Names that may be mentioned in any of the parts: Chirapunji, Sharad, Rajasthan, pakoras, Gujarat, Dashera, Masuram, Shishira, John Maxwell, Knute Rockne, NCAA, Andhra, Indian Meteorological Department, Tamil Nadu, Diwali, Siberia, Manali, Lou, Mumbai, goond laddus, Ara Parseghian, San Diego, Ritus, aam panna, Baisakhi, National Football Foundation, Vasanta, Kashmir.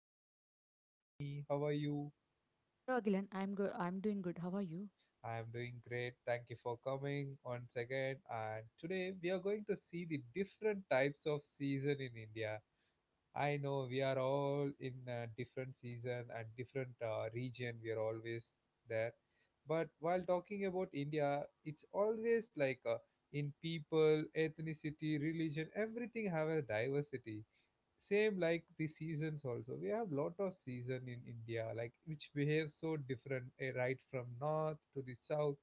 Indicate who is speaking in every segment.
Speaker 1: Pavni. Hello Pavni, how are you?
Speaker 2: Hello, Glenn. I'm good. I'm doing good. How are you?
Speaker 1: I am doing great. Thank you for coming once again. And today we are going to see the different types of season in India. I know we are all in a different season and different region. We are always there. But while talking about India, it's always like in people, ethnicity, religion, everything have a diversity. Same like the seasons also. We have lot of season in India, like which behave so different, eh, right from north to the south,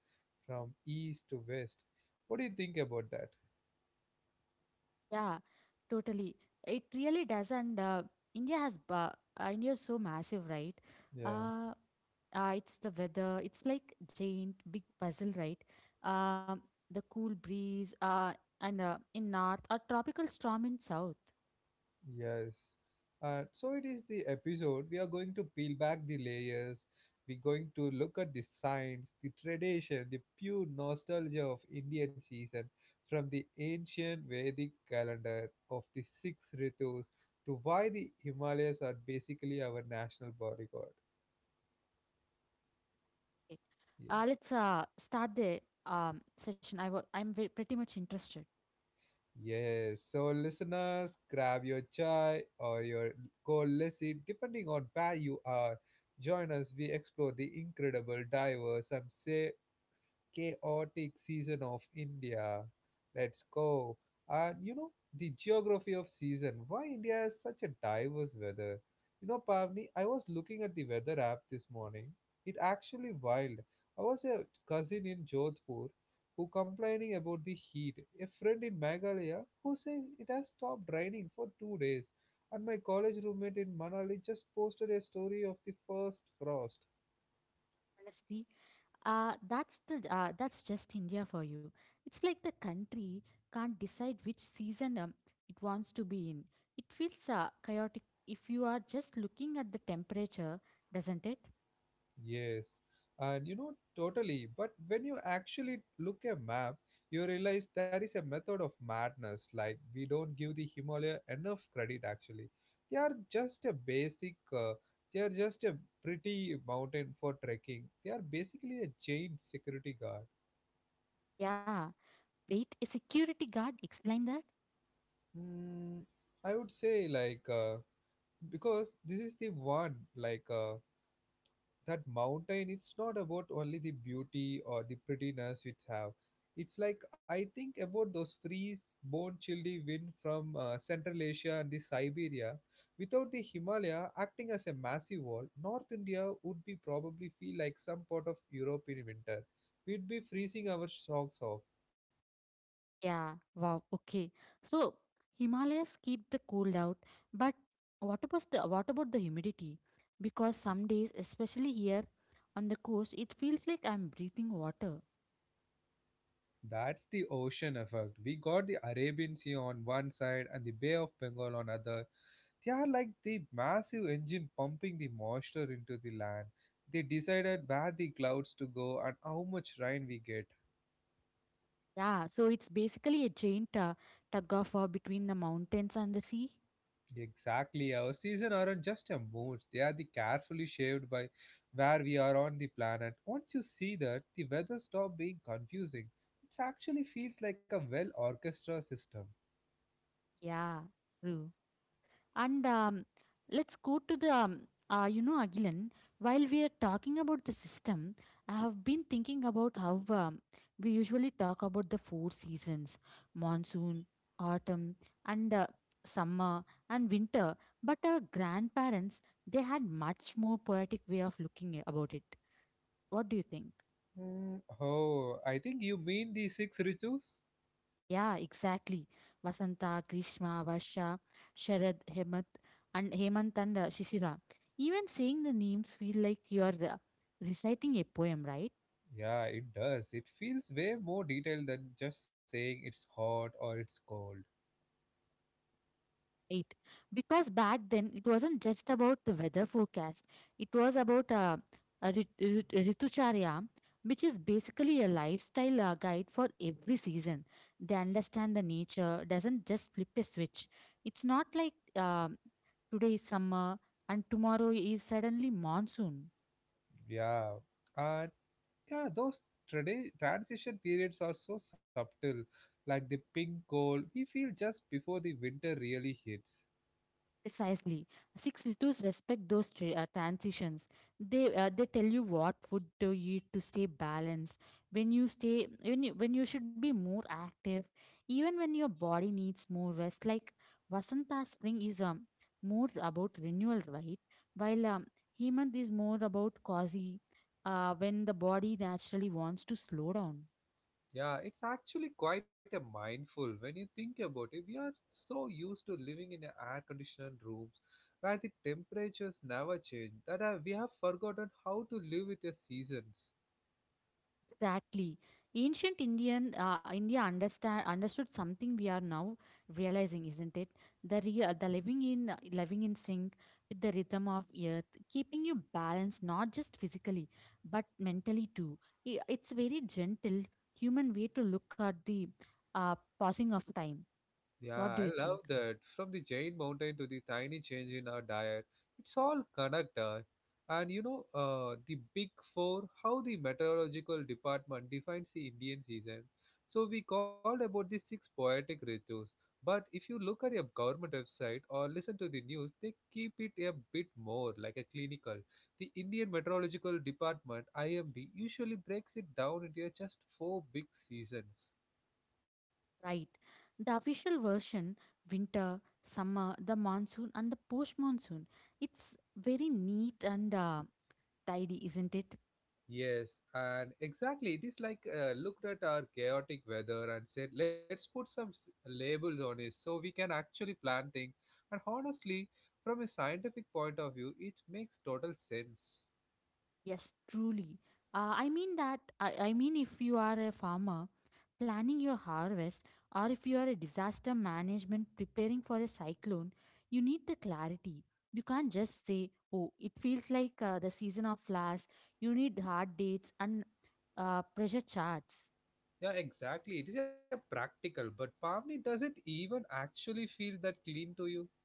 Speaker 1: from east to west. What do you think about that?
Speaker 2: Yeah, totally. It really does, and India has ba- India is so massive, right?
Speaker 1: Yeah.
Speaker 2: Uh, it's the weather. It's like giant big puzzle, right? Um, the cool breeze, and in north, a tropical storm in south.
Speaker 1: Yes. And so it is the episode. We are going to peel back the layers. We're going to look at the science, the tradition, the pure nostalgia of Indian season from the ancient Vedic calendar of the six Ritus to why the Himalayas are basically our national bodyguard.
Speaker 2: Okay.
Speaker 1: Yes.
Speaker 2: Let's start the session. I wa- I'm ve- Pretty much interested,
Speaker 1: Yes. So, listeners, grab your chai or your cold lassi, depending on where you are. Join us. We explore the incredible, diverse, some say chaotic season of India. Let's go. And you know, the geography of season. Why India has such a diverse weather? You know, Pavni, I was looking at the weather app this morning. It actually wild. I was a cousin in Jodhpur who complaining about the heat. A friend in Meghalaya who said it has stopped raining for 2 days. And my college roommate in Manali just posted a story of the first frost.
Speaker 2: honestly. That's just India for you. It's like the country can't decide which season it wants to be in. It feels chaotic if you are just looking at the temperature, doesn't it?
Speaker 1: Yes, and you know, totally. But when you actually look a map, you realize there is a method of madness. Like we don't give the Himalaya enough credit. Actually, they are just a basic. They are just a pretty mountain for trekking. They are basically a chained security guard.
Speaker 2: Yeah. Wait, a security guard explain that?
Speaker 1: Mm, I would say like because this is the one like that mountain, it's not about only the beauty or the prettiness it have. It's like I think about those freeze bone chilly wind from central Asia and the Siberia. Without the Himalaya acting as a massive wall, north India would be probably feel like some part of Europe in winter. We'd be freezing our socks off.
Speaker 2: Yeah. Wow. Okay. So Himalayas keep the cold out, but what about the humidity? Because some days, especially here on the coast, it feels like I'm breathing water.
Speaker 1: That's the ocean effect. We got the Arabian Sea on one side and the Bay of Bengal on other. They are like the massive engine pumping the moisture into the land. They decided where the clouds to go and how much rain we get.
Speaker 2: Yeah, so it's basically a giant tug of war between the mountains and the sea.
Speaker 1: Exactly, our season aren't just a mood. They are the carefully shaped by where we are on the planet. Once you see that, the weather stop being confusing. It actually feels like a well orchestra system.
Speaker 2: Yeah, true. And let's go to you know, Agilan, while we are talking about the system, I have been thinking about how we usually talk about the four seasons: monsoon, autumn, and summer and winter. But our grandparents, they had much more poetic way of looking about it. What do you think?
Speaker 1: Hmm, oh, I think you mean the six rituals?
Speaker 2: Yeah, exactly. Vasanta, Grishma, Varsha, Sharad, Hemant, and Shishira. Even saying the names feel like you are reciting a poem, right?
Speaker 1: Yeah, it does. It feels way more detailed than just saying it's hot or it's cold.
Speaker 2: Eight, because back then it wasn't just about the weather forecast. It was about a ritucharya, which is basically a lifestyle guide for every season. They understand the nature doesn't just flip a switch. It's not like um today is summer and tomorrow is suddenly monsoon.
Speaker 1: Yeah, and yeah, those transition periods are so subtle, like the pink cold we feel just before the winter really hits.
Speaker 2: Precisely. Six rittus respect those transitions. They tell you what food to eat to stay balanced. When you stay when you, When you should be more active, even when your body needs more rest. Like Vasanta spring is more about renewal, right? While Hemant is more about cozy, when the body naturally wants to slow down.
Speaker 1: Yeah, it's actually quite a mindful when you think about it. We are so used to living in air-conditioned rooms where the temperatures never change that we have forgotten how to live with the seasons.
Speaker 2: Exactly. Ancient India understand understood something we are now realizing, isn't it? The real, the Living in sync with the rhythm of earth, keeping you balanced not just physically but mentally too. It's very gentle human way to look at the passing of time.
Speaker 1: Yeah, I
Speaker 2: What do you
Speaker 1: love
Speaker 2: think?
Speaker 1: that. From the giant mountain to the tiny change in our diet, it's all connected. And you know, the big four, how the meteorological department defines the Indian season. So we called about the six poetic ritus. But if you look at a government website or listen to the news, they keep it a bit more like a clinical. The Indian Meteorological Department, IMD, usually breaks it down into just four big seasons.
Speaker 2: Right. The official version: winter, summer, the monsoon, and the post monsoon. It's very neat and tidy, isn't it?
Speaker 1: Yes, and exactly. It is like looked at our chaotic weather and said, let's put some labels on it so we can actually plan things. And honestly, from a scientific point of view, it makes total sense.
Speaker 2: Yes, truly. I mean, if you are a farmer planning your harvest, or if you are a disaster management preparing for a cyclone, you need the clarity. You can't just say, oh, it feels like the season of flowers. You need hard dates and pressure charts.
Speaker 1: Yeah, exactly. It is a practical, but palmy doesn't even actually feel that clean to you.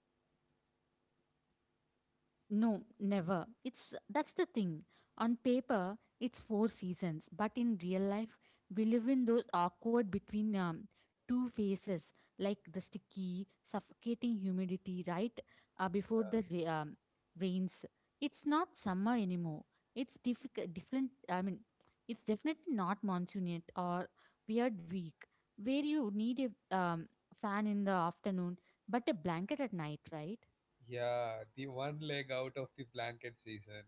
Speaker 2: No, never. It's That's the thing. On paper, it's four seasons, but in real life, we live in those awkward between two phases, like the sticky, suffocating humidity before the rains. It's not summer anymore. It's different. I mean, it's definitely not monsoon yet, or weird week where you need a fan in the afternoon, but a blanket at night, right?
Speaker 1: Yeah, the one leg out of the blanket season.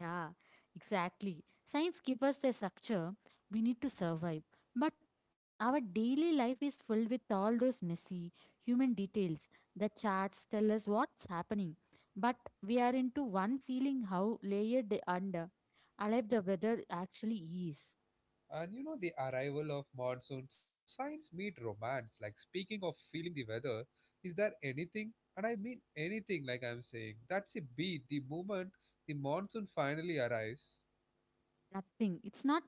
Speaker 2: Yeah, exactly. Science gives us the structure we need to survive. But our daily life is filled with all those messy human details. The charts tell us what's happening. But we are into one feeling how layered the- and alive the weather actually is.
Speaker 1: And you know, the arrival of monsoon signs meet romance. Like, speaking of feeling the weather, is there anything, and I mean anything, like I'm saying, that's a beat. The moment the monsoon finally arrives,
Speaker 2: Nothing. It's not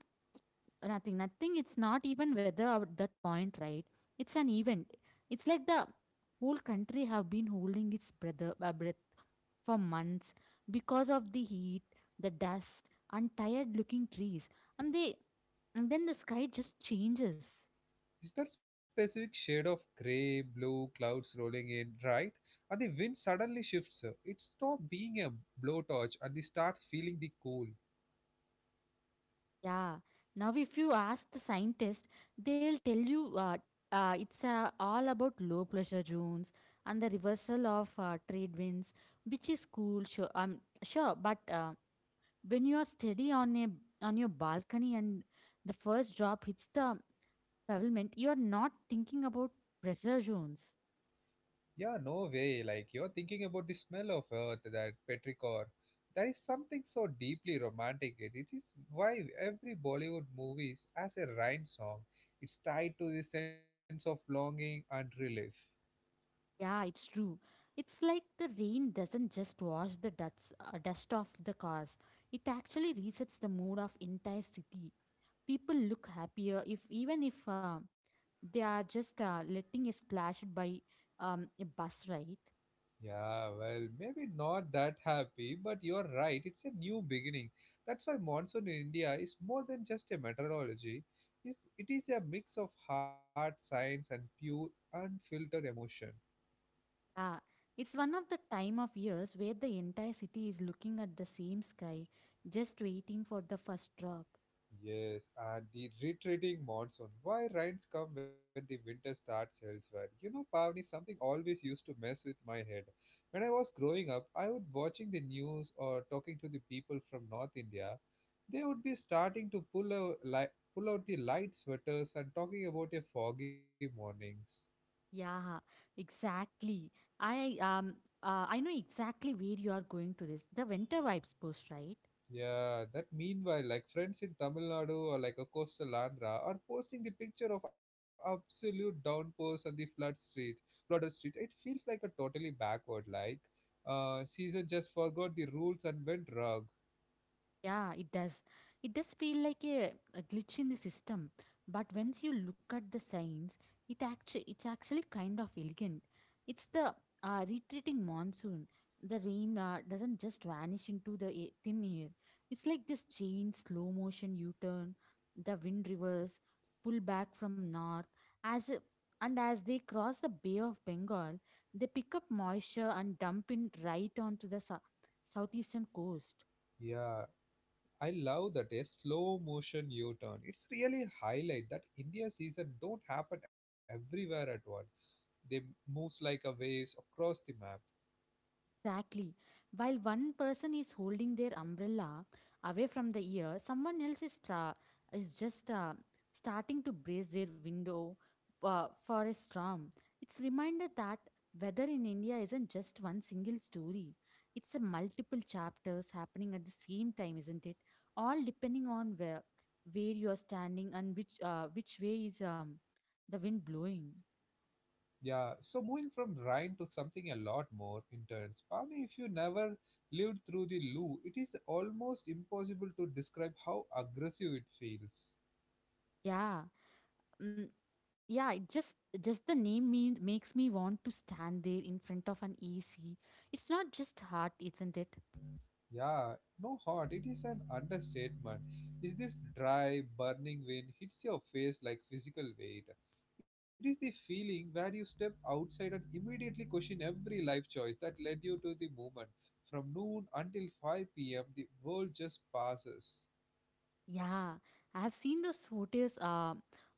Speaker 2: nothing. Nothing. It's not even weather at that point, right? It's an event. It's like the whole country have been holding its breath for months because of the heat, the dust, and tired looking trees. And they and then the sky just changes.
Speaker 1: is that specific shade of gray, blue clouds rolling in, right? And the wind suddenly shifts. It stops being a blowtorch and it starts feeling the cool.
Speaker 2: Yeah. Now if you ask the scientist, they'll tell you it's all about low pressure zones and the reversal of trade winds, which is cool. Sure, sure, but when you are steady on a on your balcony and the first drop hits the pavement, you are not thinking about pressure zones.
Speaker 1: Yeah, no way. Like you're thinking about the smell of earth, that petrichor. There is something so deeply romantic. In It It is why every Bollywood movie has a rain song. It's tied to the sense of longing and relief.
Speaker 2: Yeah, it's true. It's like the rain doesn't just wash dust off the cars. It actually resets the mood of entire city. People look happier, if even if they are just letting a splash by a bus ride.
Speaker 1: Yeah, well, maybe not that happy, but you're right. It's a new beginning. That's why monsoon in India is more than just a meteorology. It is a mix of heart science and pure, unfiltered emotion.
Speaker 2: Yeah, it's one of the time of years where the entire city is looking at the same sky, just waiting for the first drop.
Speaker 1: Yes, and the retreating monsoon. Why rains come when the winter starts elsewhere? You know, Pavni, something always used to mess with my head. When I was growing up, I would watching the news or talking to the people from North India. They would be starting to pull out, pull out the light sweaters and talking about a foggy mornings.
Speaker 2: Yeah, exactly. I um I know exactly where you are going to this. The winter vibes post, right?
Speaker 1: Yeah, that meanwhile, like friends in Tamil Nadu or like a coastal Andhra are posting the picture of absolute downpours on the flood street, flooded street. It feels like a totally backward, like Caesar just forgot the rules and went rogue.
Speaker 2: Yeah, it does. It does feel like a glitch in the system. But once you look at the signs, it's actually kind of elegant. It's the retreating monsoon. The rain doesn't just vanish into the thin air. It's like this chain slow motion U-turn. The wind reverse, pull back from north as a, and as they cross the Bay of Bengal, they pick up moisture and dump it right onto the southeastern coast.
Speaker 1: Yeah, I love that a slow motion U-turn. It's really a highlight that India season don't happen everywhere at once. They moves like a waves across the map.
Speaker 2: Exactly. While one person is holding their umbrella away from the ear, someone else is, tra- is just starting to brace their window for a storm. It's reminder that weather in India isn't just one single story. It's a multiple chapters happening at the same time, isn't it? All depending on where you are standing and which way is the wind blowing.
Speaker 1: Yeah, so moving from Rhine to something a lot more intense. Pavni, if you never lived through the Lou, it is almost impossible to describe how aggressive it feels.
Speaker 2: Yeah. Mm, yeah, it just the name means makes me want to stand there in front of an ac. It's not just hot, isn't it?
Speaker 1: Yeah, no hot, it is an understatement. Is this dry, burning wind hits your face like physical weight? It is the feeling where you step outside and immediately question every life choice that led you to the moment. From noon until 5 p.m., the world just passes.
Speaker 2: Yeah, I have seen those photos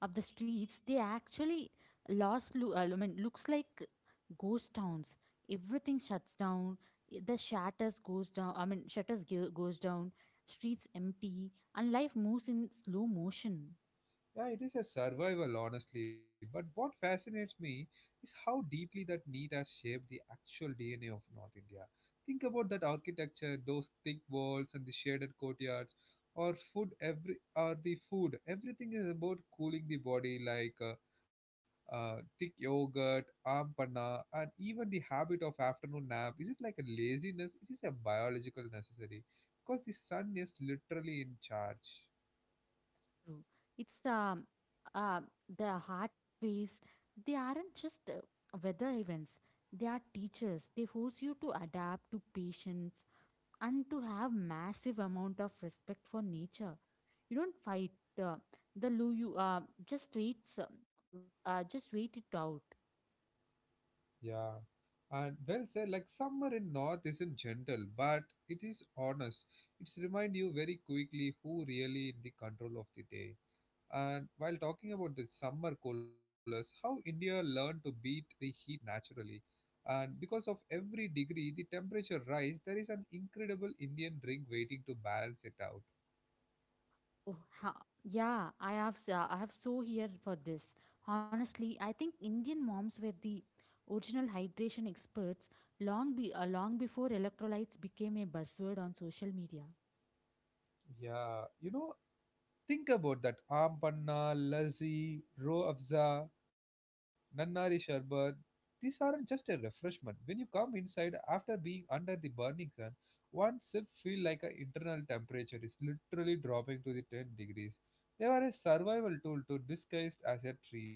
Speaker 2: of the streets. They actually I mean looks like ghost towns. Everything shuts down. The shutters goes down. I mean goes down. Streets empty and life moves in slow motion.
Speaker 1: Yeah, it is a survival, honestly. But what fascinates me is how deeply that need has shaped the actual DNA of North India. Think about that architecture, those thick walls and the shaded courtyards, or food. Every or the food, everything is about cooling the body, like thick yogurt, aam panna, and even the habit of afternoon nap. Is it like a laziness? It is a biological necessary because the sun is literally in charge.
Speaker 2: True. It's uh, the heart waves. They aren't just weather events. They are teachers. They force you to adapt to patience and to have massive amount of respect for nature. You don't fight uh, the loo. You just waits. Uh, just wait it out.
Speaker 1: Yeah. And well said, like summer in North isn't gentle, but it is honest. It's remind you very quickly who really in the control of the day. And while talking about the summer colors, how India learned to beat the heat naturally. And because of every degree, the temperature rise, there is an incredible Indian drink waiting to balance it out.
Speaker 2: Oh, yeah, I have so here for this. Honestly, I think Indian moms were the original hydration experts, long before electrolytes became a buzzword on social media.
Speaker 1: Yeah, you know, think about that aam panna, lassi, ro afza, nannari sharbat. These aren't just a refreshment. When you come inside after being under the burning sun, one sip feel like an internal temperature is literally dropping to the 10 degrees. They are a survival tool to disguised as a treat.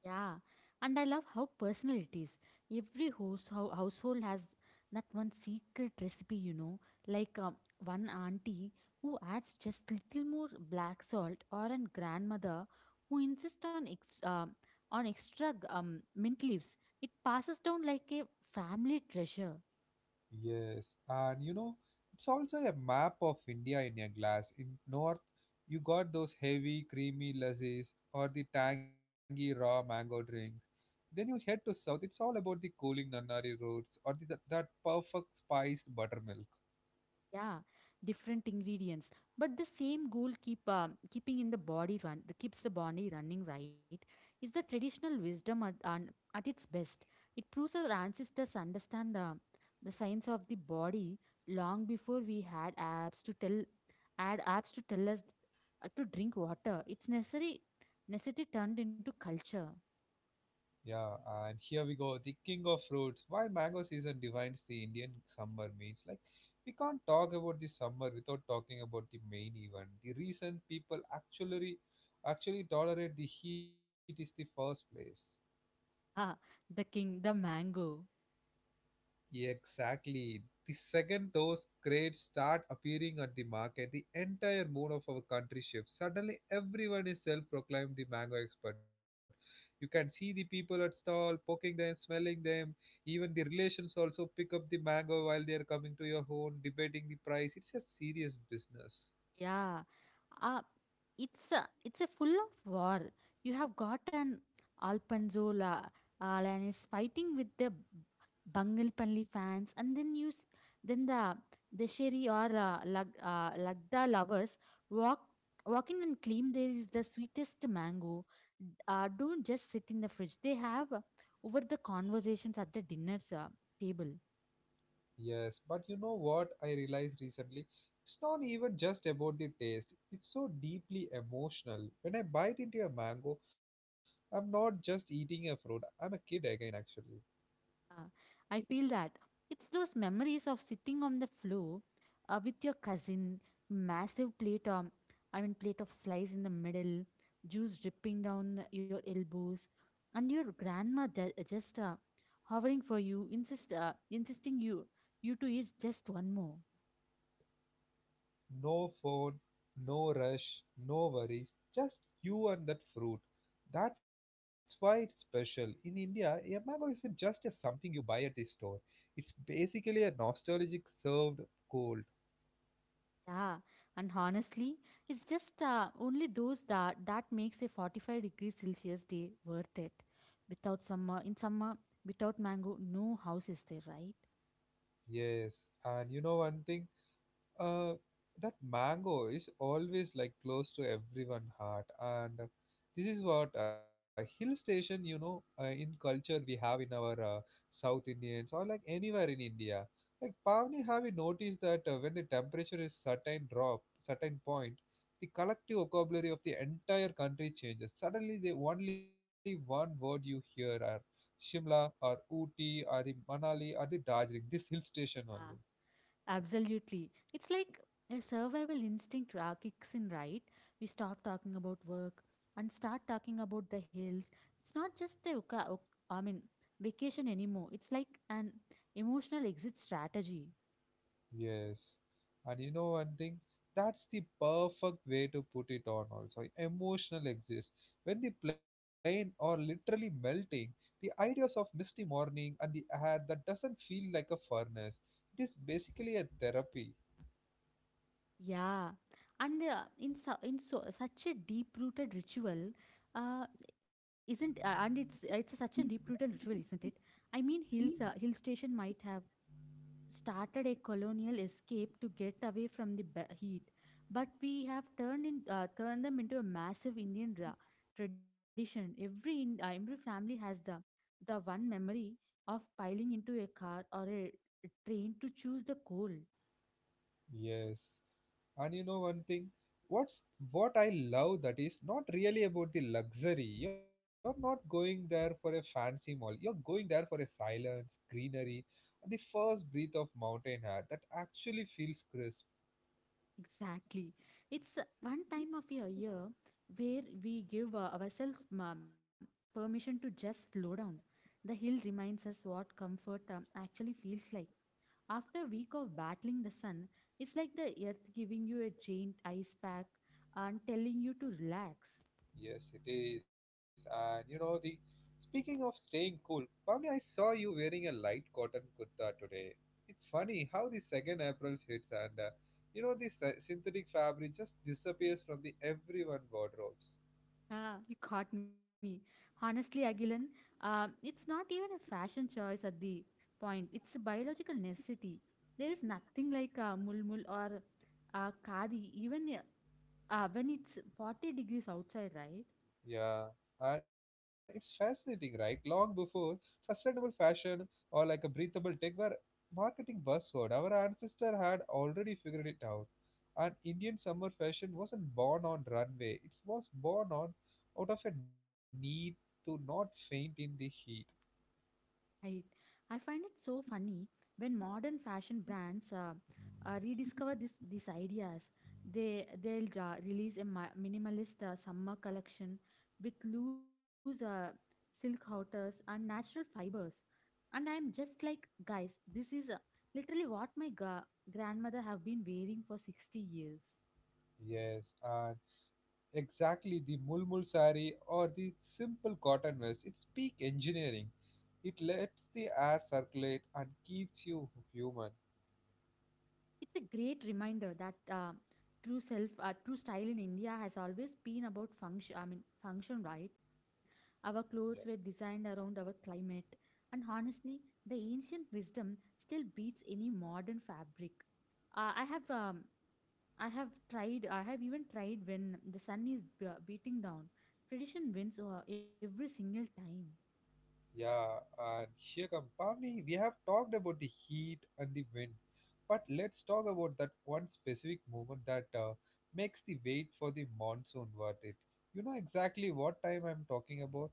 Speaker 2: Yeah, and I love how personal it is. Every household has that one secret recipe, you know, like one auntie who adds just little more black salt, or a grandmother who insists on extra mint leaves. It passes down like a family treasure.
Speaker 1: Yes, and you know, it's also a map of India in a glass. In north, you got those heavy, creamy lassis or the tangy raw mango drinks. Then you head to south, it's all about the cooling Nannari roots or the, that that perfect spiced buttermilk.
Speaker 2: Yeah, different ingredients but the same goal: keeps the body running, right? Is the traditional wisdom at its best. It proves our ancestors understand the science of the body long before we had apps to tell add apps to tell us to drink water. It's necessary necessity turned into culture.
Speaker 1: Yeah, and here we go. The king of fruits. Why mango season defines the Indian summer means like we can't talk about the summer without talking about the main event. The reason people actually tolerate the heat is the first place.
Speaker 2: Ah, the king, the mango.
Speaker 1: Exactly. The second those crates start appearing at the market, the entire mood of our country shifts. Suddenly, everyone is self proclaimed the mango expert. You can see the people at stall poking them, smelling them. Even the relations also pick up the mango while they are coming to your home, debating the price. It's a serious business.
Speaker 2: Yeah, uh, it's a full of war. You have got an Alpanzola Alan is fighting with the Bangalpanli fans, and then the Desheri or Lagda lovers walk walk in and claim there is the sweetest mango. Don't just sit in the fridge. They have over the conversations at the dinner table.
Speaker 1: Yes, but you know what I realized recently? It's not even just about the taste, it's so deeply emotional. When I bite into a mango, I'm not just eating a fruit, I'm a kid again, actually.
Speaker 2: Uh, I feel that. It's those memories of sitting on the floor with your cousin, massive plate, um, I mean, plate of slice in the middle, juice dripping down your elbows, and your grandma just hovering for you, insisting you to eat just one more.
Speaker 1: No phone, no rush, no worries, just you and that fruit. That's why it's special. In India, a mango isn't just a something you buy at the store, it's basically a nostalgic served cold.
Speaker 2: Yeah, and honestly, it's just only those that makes a 45 degrees Celsius day worth it. Without summer, in summer, without mango, no house is there, right?
Speaker 1: Yes, and you know one thing? uh, that mango is always like close to everyone heart. And this is what a hill station, in culture we have in our south indians or like anywhere in india. Like Pavni, have you noticed that when the temperature is certain drop, certain point, the collective vocabulary of the entire country changes? Suddenly the only one word you hear are Shimla or Ooty or the Manali or the Darjeeling, this hill station
Speaker 2: Yeah,
Speaker 1: only.
Speaker 2: absolutely. It's like a survival instinct kicks in, right? We stop talking about work and start talking about the hills. It's not just a, I mean, vacation anymore. It's like an emotional exit strategy.
Speaker 1: Yes. And you know one thing? That's the perfect way to put it on also. Emotional exists. When the plane are literally melting, the ideas of misty morning and the air that doesn't feel like a furnace. It is basically a therapy.
Speaker 2: Yeah, and in su in so such a deep-rooted ritual, uh, isn't and it's such a deep-rooted ritual, isn't it? I mean, hill station might have started a colonial escape to get away from the heat, but we have turned them into a massive Indian tradition. Every family has the one memory of piling into a car or a train to choose the cold.
Speaker 1: Yes. And you know one thing, what's what I love that is not really about the luxury. You're not going there for a fancy mall. You're going there for a silence, greenery, and the first breath of mountain air that actually feels crisp.
Speaker 2: Exactly. It's one time of a year where we give ourselves permission to just slow down. The hill reminds us what comfort actually feels like. After a week of battling the sun, it's like the earth giving you a giant ice pack and telling you to relax.
Speaker 1: Yes, it is. And you know the speaking of staying cool, Pavni, I saw you wearing a light cotton kurta today. It's funny how the second April hits and you know the synthetic fabric just disappears from the everyone wardrobes.
Speaker 2: Ah, you caught me. Honestly, Agilan, it's not even a fashion choice at the point. It's a biological necessity. There is nothing like mulmul or khadi, even when it's 40 degrees outside, right?
Speaker 1: Yeah, it's fascinating, right? Long before sustainable fashion or like a breathable tech were marketing buzzword, our ancestor had already figured it out. And Indian summer fashion wasn't born on runway; it was born on out of a need to not faint in the heat.
Speaker 2: I I find it so funny when modern fashion brands rediscover this these ideas. They'll release a minimalist summer collection with loose silk outers and natural fibers. And I'm just like, guys, this is literally what my grandmother have been wearing for 60 years.
Speaker 1: Yes, and exactly the mulmul sari or the simple cotton vest. It's peak engineering. It lets the air circulate and keeps you human.
Speaker 2: It's a great reminder that true style in India has always been about function, right? Our clothes were designed around our climate, and honestly, the ancient wisdom still beats any modern fabric. Uh, I have, um, I have tried. I have even tried when the sun is beating down. Tradition wins every single time.
Speaker 1: Yeah, and here come Pavni. We have talked about the heat and the wind, but let's talk about that one specific moment that makes the wait for the monsoon worth it. You know exactly what time I'm talking about?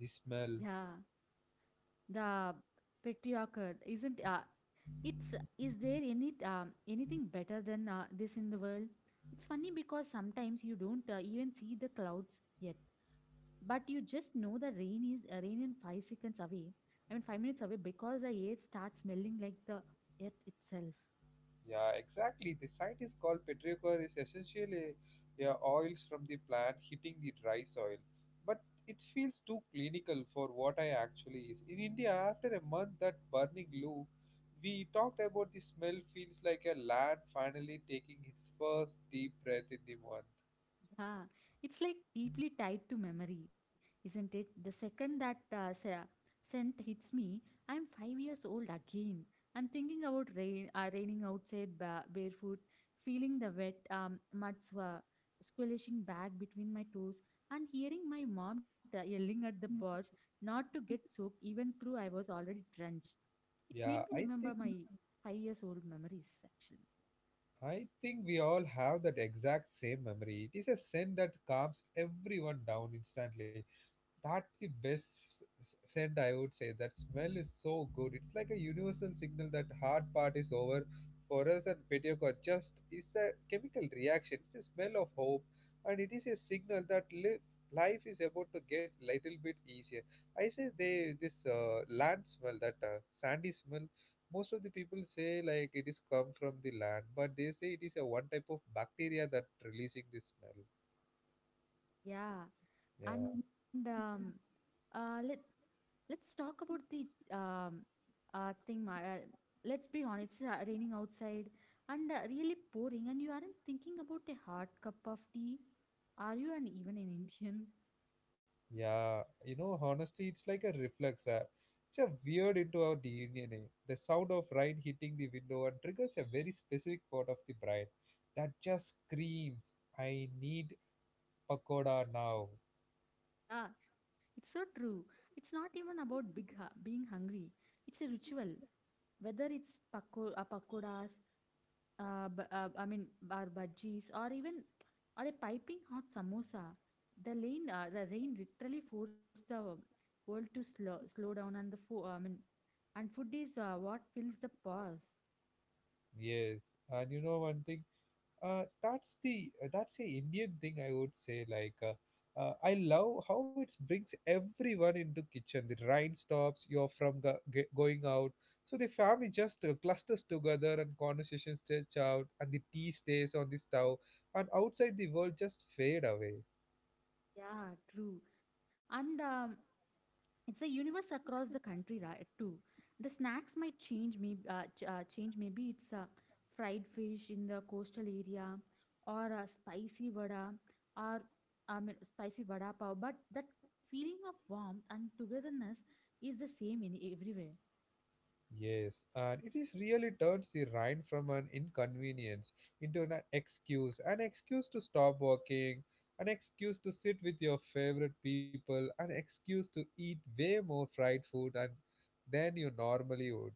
Speaker 1: The smell.
Speaker 2: Yeah, the patriarchal isn't. It's Is there anything better than this in the world? It's funny because sometimes you don't even see the clouds yet, but you just know the rain is rain in 5 seconds away. I mean, 5 minutes away, because the air starts smelling like the earth itself.
Speaker 1: Yeah, exactly. The site is called petrichor is essentially, yeah, oils from the plant hitting the dry soil. But it feels too clinical for what I actually is. In India, after a month that burning loop, we talked about the smell feels like a lad finally taking his first deep breath in the month.
Speaker 2: Ah, it's like deeply tied to memory, isn't it? The second that scent hits me, I'm 5 years old again. I'm thinking about raining outside barefoot, feeling the wet mud squelching back between my toes, and hearing my mom yelling at the porch not to get soaked, even though I was already drenched. It made
Speaker 1: Yeah,
Speaker 2: me
Speaker 1: I
Speaker 2: remember
Speaker 1: think
Speaker 2: my 5 years old memories, actually.
Speaker 1: I think we all have that exact same memory. It is a scent that calms everyone down instantly. That's the best send I would say. That smell is so good. It's like a universal signal that hard part is over for us, and Pediocor just is a chemical reaction. It's the smell of hope, and it is a signal that live life is about to get little bit easier. I say they this land smell, that sandy smell, most of the people say like it is come from the land, but they say it is a one type of bacteria that releasing this smell.
Speaker 2: Yeah,
Speaker 1: Yeah.
Speaker 2: And um, uh, let let's talk about the um, uh, thing. Ma- Uh, let's be honest, it's raining outside and really pouring, and you aren't thinking about a hot cup of tea. Are you an even an Indian?
Speaker 1: Yeah, you know, honestly, it's like a reflex. It's a weird into our DNA. The sound of rain hitting the window and triggers a very specific part of the brain that just screams, "I need pakoda now."
Speaker 2: Ah, it's so true. It's not even about being hungry. It's a ritual. Whether it's pakoras, or bhajis, or even or a piping hot samosa. The rain literally forced the world to slow down, and the fo- I mean, and food is what fills the pause.
Speaker 1: Yes, and you know one thing, that's a Indian thing I would say. I love how it brings everyone into kitchen. The rain stops. You're from going out, so the family just clusters together, and conversations stretch out, and the tea stays on the stove, and outside the world just fade away.
Speaker 2: Yeah, true. And it's a universe across the country right too. The snacks might change maybe it's fried fish in the coastal area or a spicy vada, or I mean, spicy vada pav, but that feeling of warmth and togetherness is the same in everywhere.
Speaker 1: Yes, and it is really turns the rind from an inconvenience into an excuse to stop working, an excuse to sit with your favorite people, an excuse to eat way more fried food and than you normally would.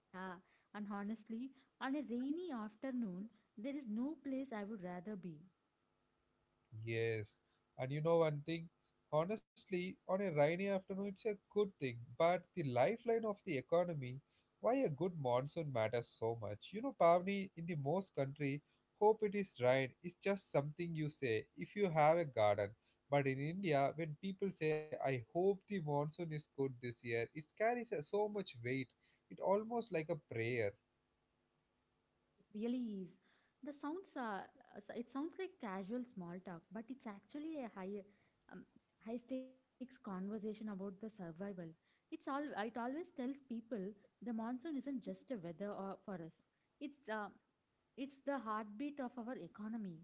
Speaker 2: uh, and honestly, on a rainy afternoon, there is no place I would rather be.
Speaker 1: Yes, and you know one thing? Honestly, on a rainy afternoon, it's a good thing, but the lifeline of the economy, why a good monsoon matters so much. You know, Pavni, in the most country, hope it is rain is just something you say if you have a garden. But in India, when people say, I hope the monsoon is good this year, it carries so much weight. It almost like a prayer.
Speaker 2: It really is. The sounds are, so it sounds like casual small talk, but it's actually a um, high stakes conversation about the survival. It always tells people the monsoon isn't just a weather or for us. It's, uh, it's the heartbeat of our economy.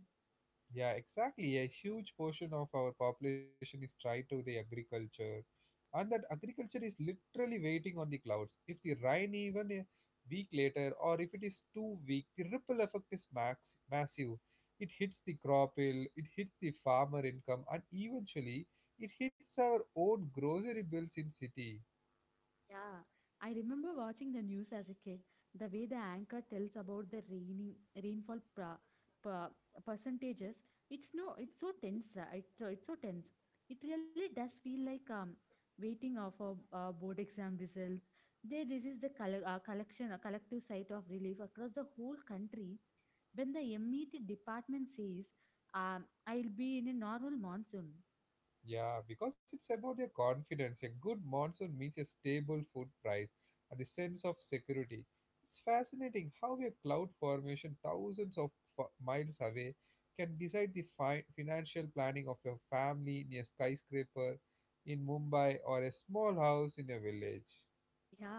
Speaker 1: Yeah, exactly. A huge portion of our population is tied to the agriculture, and that agriculture is literally waiting on the clouds. If the rain even a week later, or if it is too weak, the ripple effect is max massive. It hits the crop yield, it hits the farmer income, and eventually it hits our own grocery bills in city.
Speaker 2: Yeah, I remember watching the news as a kid. The way the anchor tells about the raining rainfall pra, percentages, it's no, it's so tense. It's so tense. It really does feel like waiting for board exam results. This is a collective site of relief across the whole country. When the MET department says, "I'll be in a normal monsoon,"
Speaker 1: Yeah, because it's about your confidence. A good monsoon means a stable food price and a sense of security. It's fascinating how a cloud formation thousands of miles away can decide the financial planning of your family in a skyscraper in Mumbai or a small house in a village.
Speaker 2: yeah,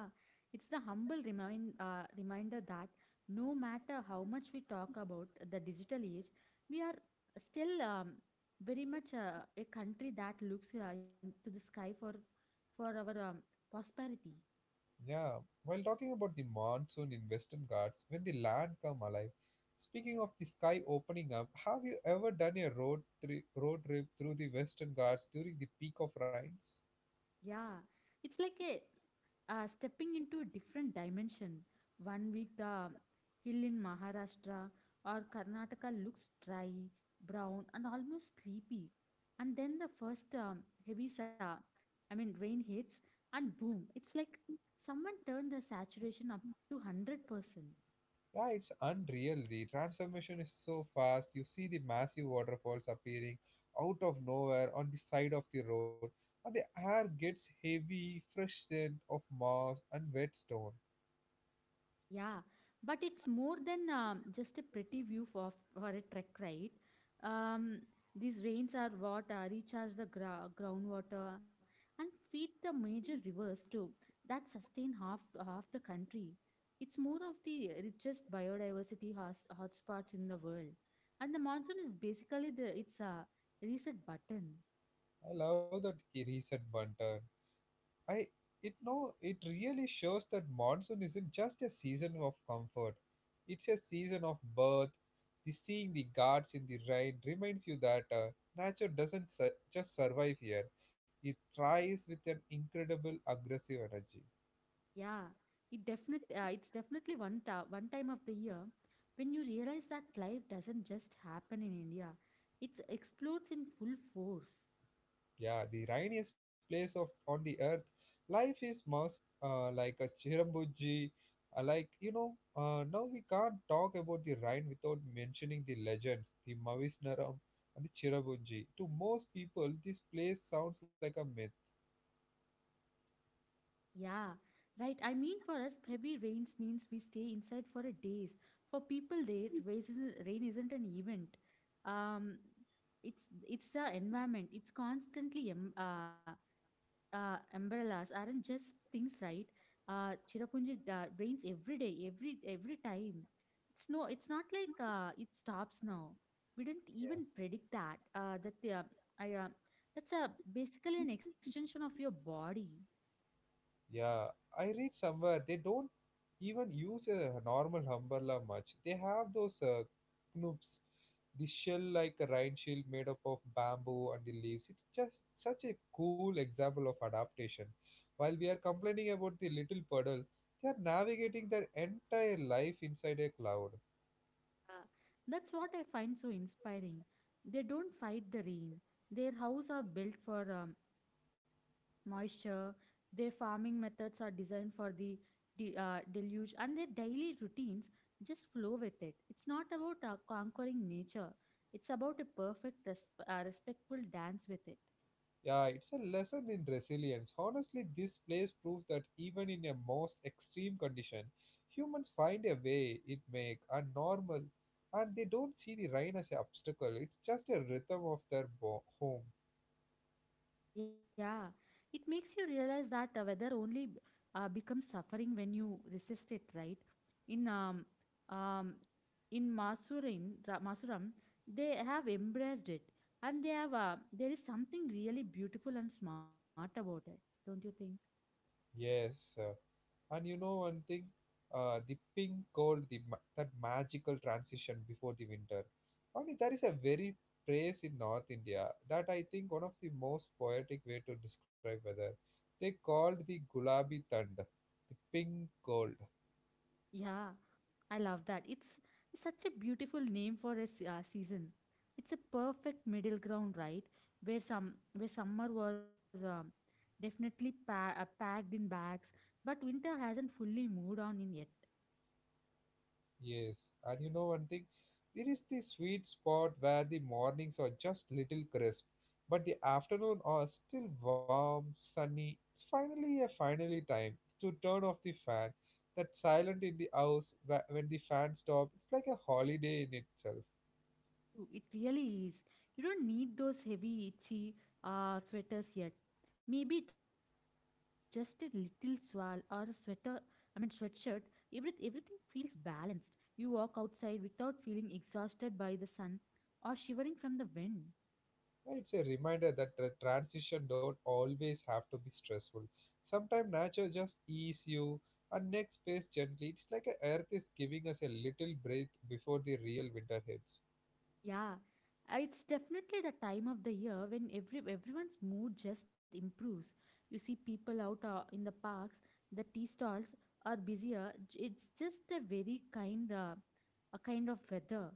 Speaker 2: it's the humble reminder that no matter how much we talk about the digital age, we are still very much a country that looks into the sky for our prosperity.
Speaker 1: Yeah, while talking about the monsoon in Western Ghats, when the land come alive, speaking of the sky opening up, have you ever done a road trip through the Western Ghats during the peak of rains?
Speaker 2: Yeah, it's like a stepping into a different dimension. 1 week, the hill in Maharashtra or Karnataka looks dry, brown, and almost sleepy. And then the first heavy, sa- I mean, rain hits, and boom, it's like someone turned the saturation up to 100%.
Speaker 1: Yeah, it's unreal. The transformation is so fast. You see the massive waterfalls appearing out of nowhere on the side of the road, and the air gets heavy, fresh scent of moss and wet stone.
Speaker 2: Yeah, but it's more than just a pretty view for a trek, right? Um, these rains are what recharge the groundwater and feed the major rivers too. That sustain half the country. It's more of the richest biodiversity hotspots in the world, and the monsoon is basically the it's a reset button.
Speaker 1: I love that recent one turn. I it no it really shows that monsoon isn't just a season of comfort. It's a season of birth. The seeing the guards in the rain reminds you that nature doesn't just survive here. It thrives with an incredible aggressive energy.
Speaker 2: Yeah, it's definitely one time of the year when you realize that life doesn't just happen in India. It explodes in full force.
Speaker 1: Yeah, the rainiest place of on the earth. Life is must like a chirambuji. Now we can't talk about the Rhine without mentioning the legends, the Mavisnaram and the Chirabunji. To most people, this place sounds like a myth.
Speaker 2: Yeah, right. I mean, for us, heavy rains means we stay inside for a days. For people there, rain isn't an event. Um, it's a environment. It's umbrellas aren't just things, right? Chirapunji rains every day, every time. It's not like it stops now. We didn't even
Speaker 1: Yeah.
Speaker 2: predict that. That the I That's a basically an extension of your body.
Speaker 1: Yeah, I read somewhere they don't even use a normal umbrella much. They have those knoops, the shell like a rain shield made up of bamboo and the leaves. It's just such a cool example of adaptation. While we are complaining about the little puddle, they are navigating their entire life inside a cloud.
Speaker 2: Uh, that's what I find so inspiring. They don't fight the rain. Their house are built for moisture. Their farming methods are designed for the deluge, and their daily routines just flow with it. It's not about conquering nature, it's about a respectful dance with it.
Speaker 1: Yeah, it's a lesson in resilience. Honestly, this place proves that even in a most extreme condition, humans find a way it make are normal, and they don't see the rain as an obstacle. It's just a rhythm of their home.
Speaker 2: Yeah, it makes you realize that weather only becomes suffering when you resist it, right? In um, um, in Masuram, they have embraced it, and they have there is something really beautiful and smart about it, don't you think?
Speaker 1: Yes, and you know one thing, the pink called the that magical transition before the winter. Only there is a very phrase in North India that I think one of the most poetic way to describe weather. They called the gulabi thund, the pink gold.
Speaker 2: Yeah. I love that. It's such a beautiful name for a season. It's a perfect middle ground, right? Where summer was packed in bags, but winter hasn't fully moved on in yet.
Speaker 1: Yes, and you know one thing, there is the sweet spot where the mornings are just little crisp, but the afternoon are still warm, sunny. It's finally time to turn off the fan. That silent in the house when the fan stops, it's like a holiday in itself.
Speaker 2: Ooh, it really is. You don't need those heavy, itchy sweaters yet. Maybe just a little swirl or a sweater, I mean, sweatshirt. Everything feels balanced. You walk outside without feeling exhausted by the sun or shivering from the wind.
Speaker 1: And it's a reminder that the transition don't always have to be stressful. Sometimes nature just ease you and next space gently. It's like a earth is giving us a little breath before the real winter hits.
Speaker 2: Yeah, it's definitely the time of the year when everyone's mood just improves. You see people out in the parks, the tea stalls are busier. It's just a very kind of weather.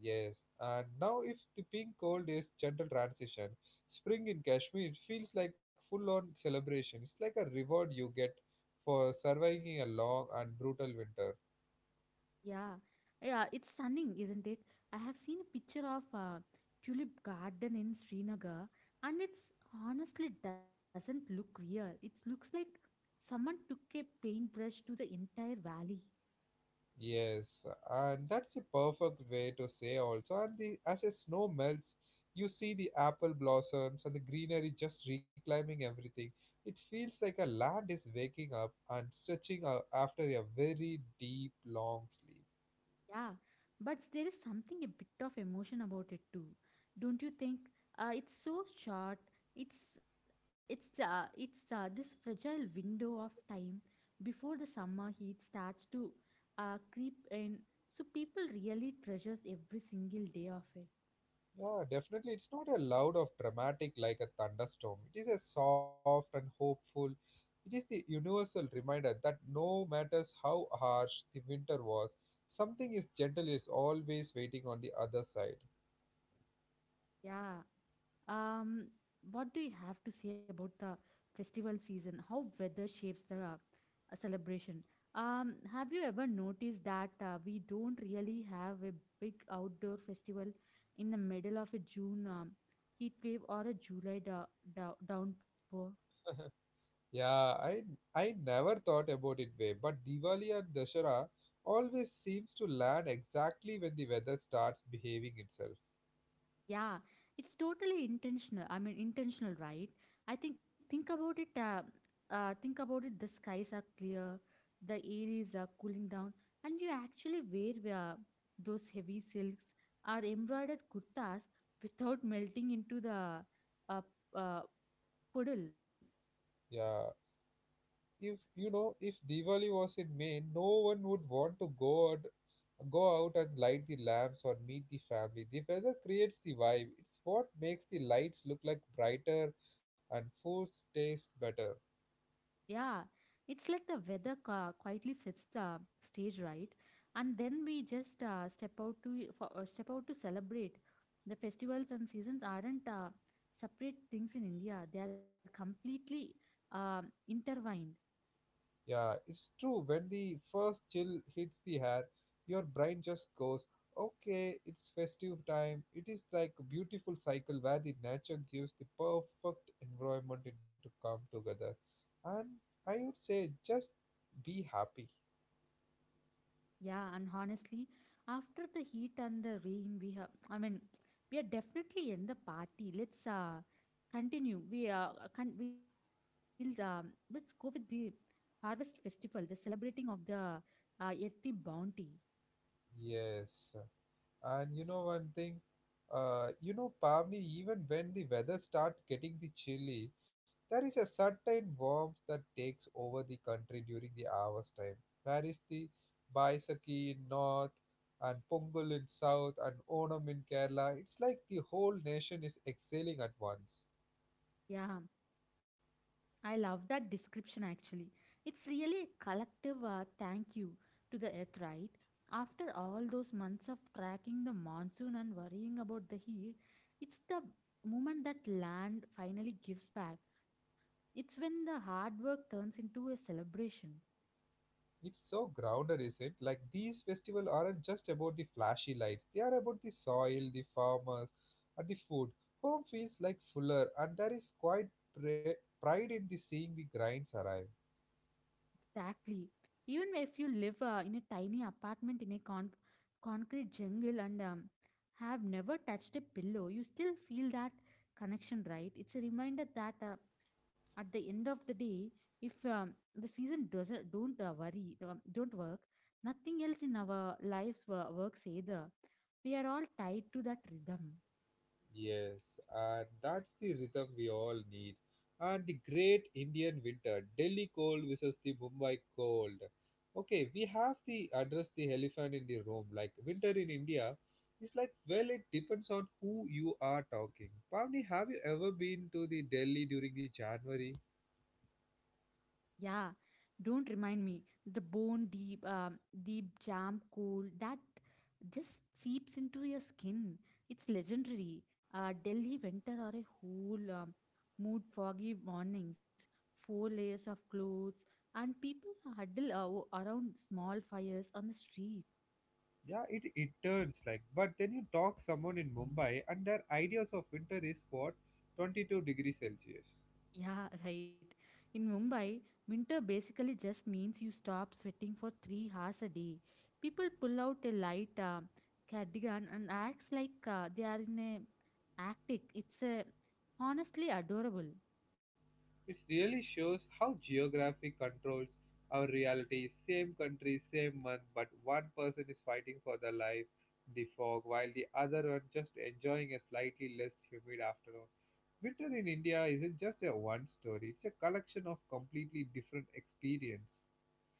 Speaker 1: Yes, and now if the pink cold is gentle transition, spring in Kashmir it feels like full on celebration. It's like a reward you get for surviving a long and brutal winter.
Speaker 2: Yeah. Yeah, it's stunning, isn't it? I have seen a picture of a tulip garden in Srinagar, and it's honestly doesn't look real. It looks like someone took a paintbrush to the entire valley.
Speaker 1: Yes, and that's a perfect way to say also. And the, as the snow melts, you see the apple blossoms and the greenery just reclimbing everything. It feels like a land is waking up and stretching out after a very deep, long sleep.
Speaker 2: Yeah, but there is something a bit of emotion about it too, don't you think? It's so short. It's it's This fragile window of time before the summer heat starts to creep in. So people really treasures every single day of it.
Speaker 1: Yeah, definitely. It's not a loud of dramatic like a thunderstorm. It is a soft and hopeful. It is the universal reminder that no matters how harsh the winter was, something is gentle is always waiting on the other side.
Speaker 2: Yeah. Um, what do you have to say about the festival season? How weather shapes the celebration? Have you ever noticed that we don't really have a big outdoor festival in the middle of a June heat wave or a July downpour?
Speaker 1: Yeah, I never thought about it way, but Diwali and Dashera always seems to land exactly when the weather starts behaving itself.
Speaker 2: Yeah, it's totally intentional, right? I think about it. Think about it. The skies are clear, the air is cooling down, and you actually wear those heavy silks or embroidered kurtas without melting into the uh, uh, puddle.
Speaker 1: Yeah. If you know, if Diwali was in May, no one would want to go out and light the lamps or meet the family. The weather creates the vibe. It's what makes the lights look like brighter and food taste better.
Speaker 2: Yeah, it's like the weather quietly sets the stage, right? And then we just step out to celebrate. The festivals and seasons aren't separate things in India; they are completely intertwined.
Speaker 1: Yeah, it's true. When the first chill hits the hair, your brain just goes, okay, it's festive time. It is like a beautiful cycle where the nature gives the perfect environment to come together. And I would say just be happy.
Speaker 2: Yeah, and honestly, after the heat and the rain, we have, I mean, we are definitely in the party. Let's continue. We can we'll Let's go with the harvest festival, the celebrating of the earthy bounty.
Speaker 1: Yes. And you know one thing, you know, Pavni, even when the weather starts getting the chilly, there is a certain warmth that takes over the country during the hours time. Where is the Baisakhi in north and Pongal in south and Onam in Kerala? It's like the whole nation is exhaling at once.
Speaker 2: Yeah, I love that description actually. It's really a collective thank you to the earth, right? After all those months of tracking the monsoon and worrying about the heat, it's the moment that land finally gives back. It's when the hard work turns into a celebration.
Speaker 1: It's so grounded, is it? Like these festivals aren't just about the flashy lights. They are about the soil, the farmers, and the food. Home feels like fuller, and there is quite pride in the seeing the grains arrive.
Speaker 2: Exactly. Even if you live in a tiny apartment in a concrete jungle and have never touched a pillow, you still feel that connection, right? It's a reminder that at the end of the day, if the season doesn't don't worry don't work, nothing else in our lives works either. We are all tied to that rhythm.
Speaker 1: Yes, and that's the rhythm we all need. And the great Indian winter, Delhi cold versus the Mumbai cold. Okay, we have to address the elephant in the room. Like winter in India is like, well, it depends on who you are talking. Pavni, have you ever been to the Delhi during the January?
Speaker 2: Yeah, don't remind me. The bone deep, deep jam cool that just seeps into your skin. It's legendary. Delhi winter or a whole mood foggy mornings, 4 layers of clothes, and people huddle around small fires on the street.
Speaker 1: Yeah, it turns like, but then you talk someone in Mumbai and their ideas of winter is what? 22 degrees Celsius.
Speaker 2: Yeah, right. In Mumbai, winter basically just means you stop sweating for 3 hours a day. People pull out a light cardigan and acts like they are in a attic. It's honestly adorable.
Speaker 1: It really shows how geography controls our reality. Same country, same month, but one person is fighting for their life in the fog, while the other one just enjoying a slightly less humid afternoon. Winter in India isn't just a one story, it's a collection of completely different experience.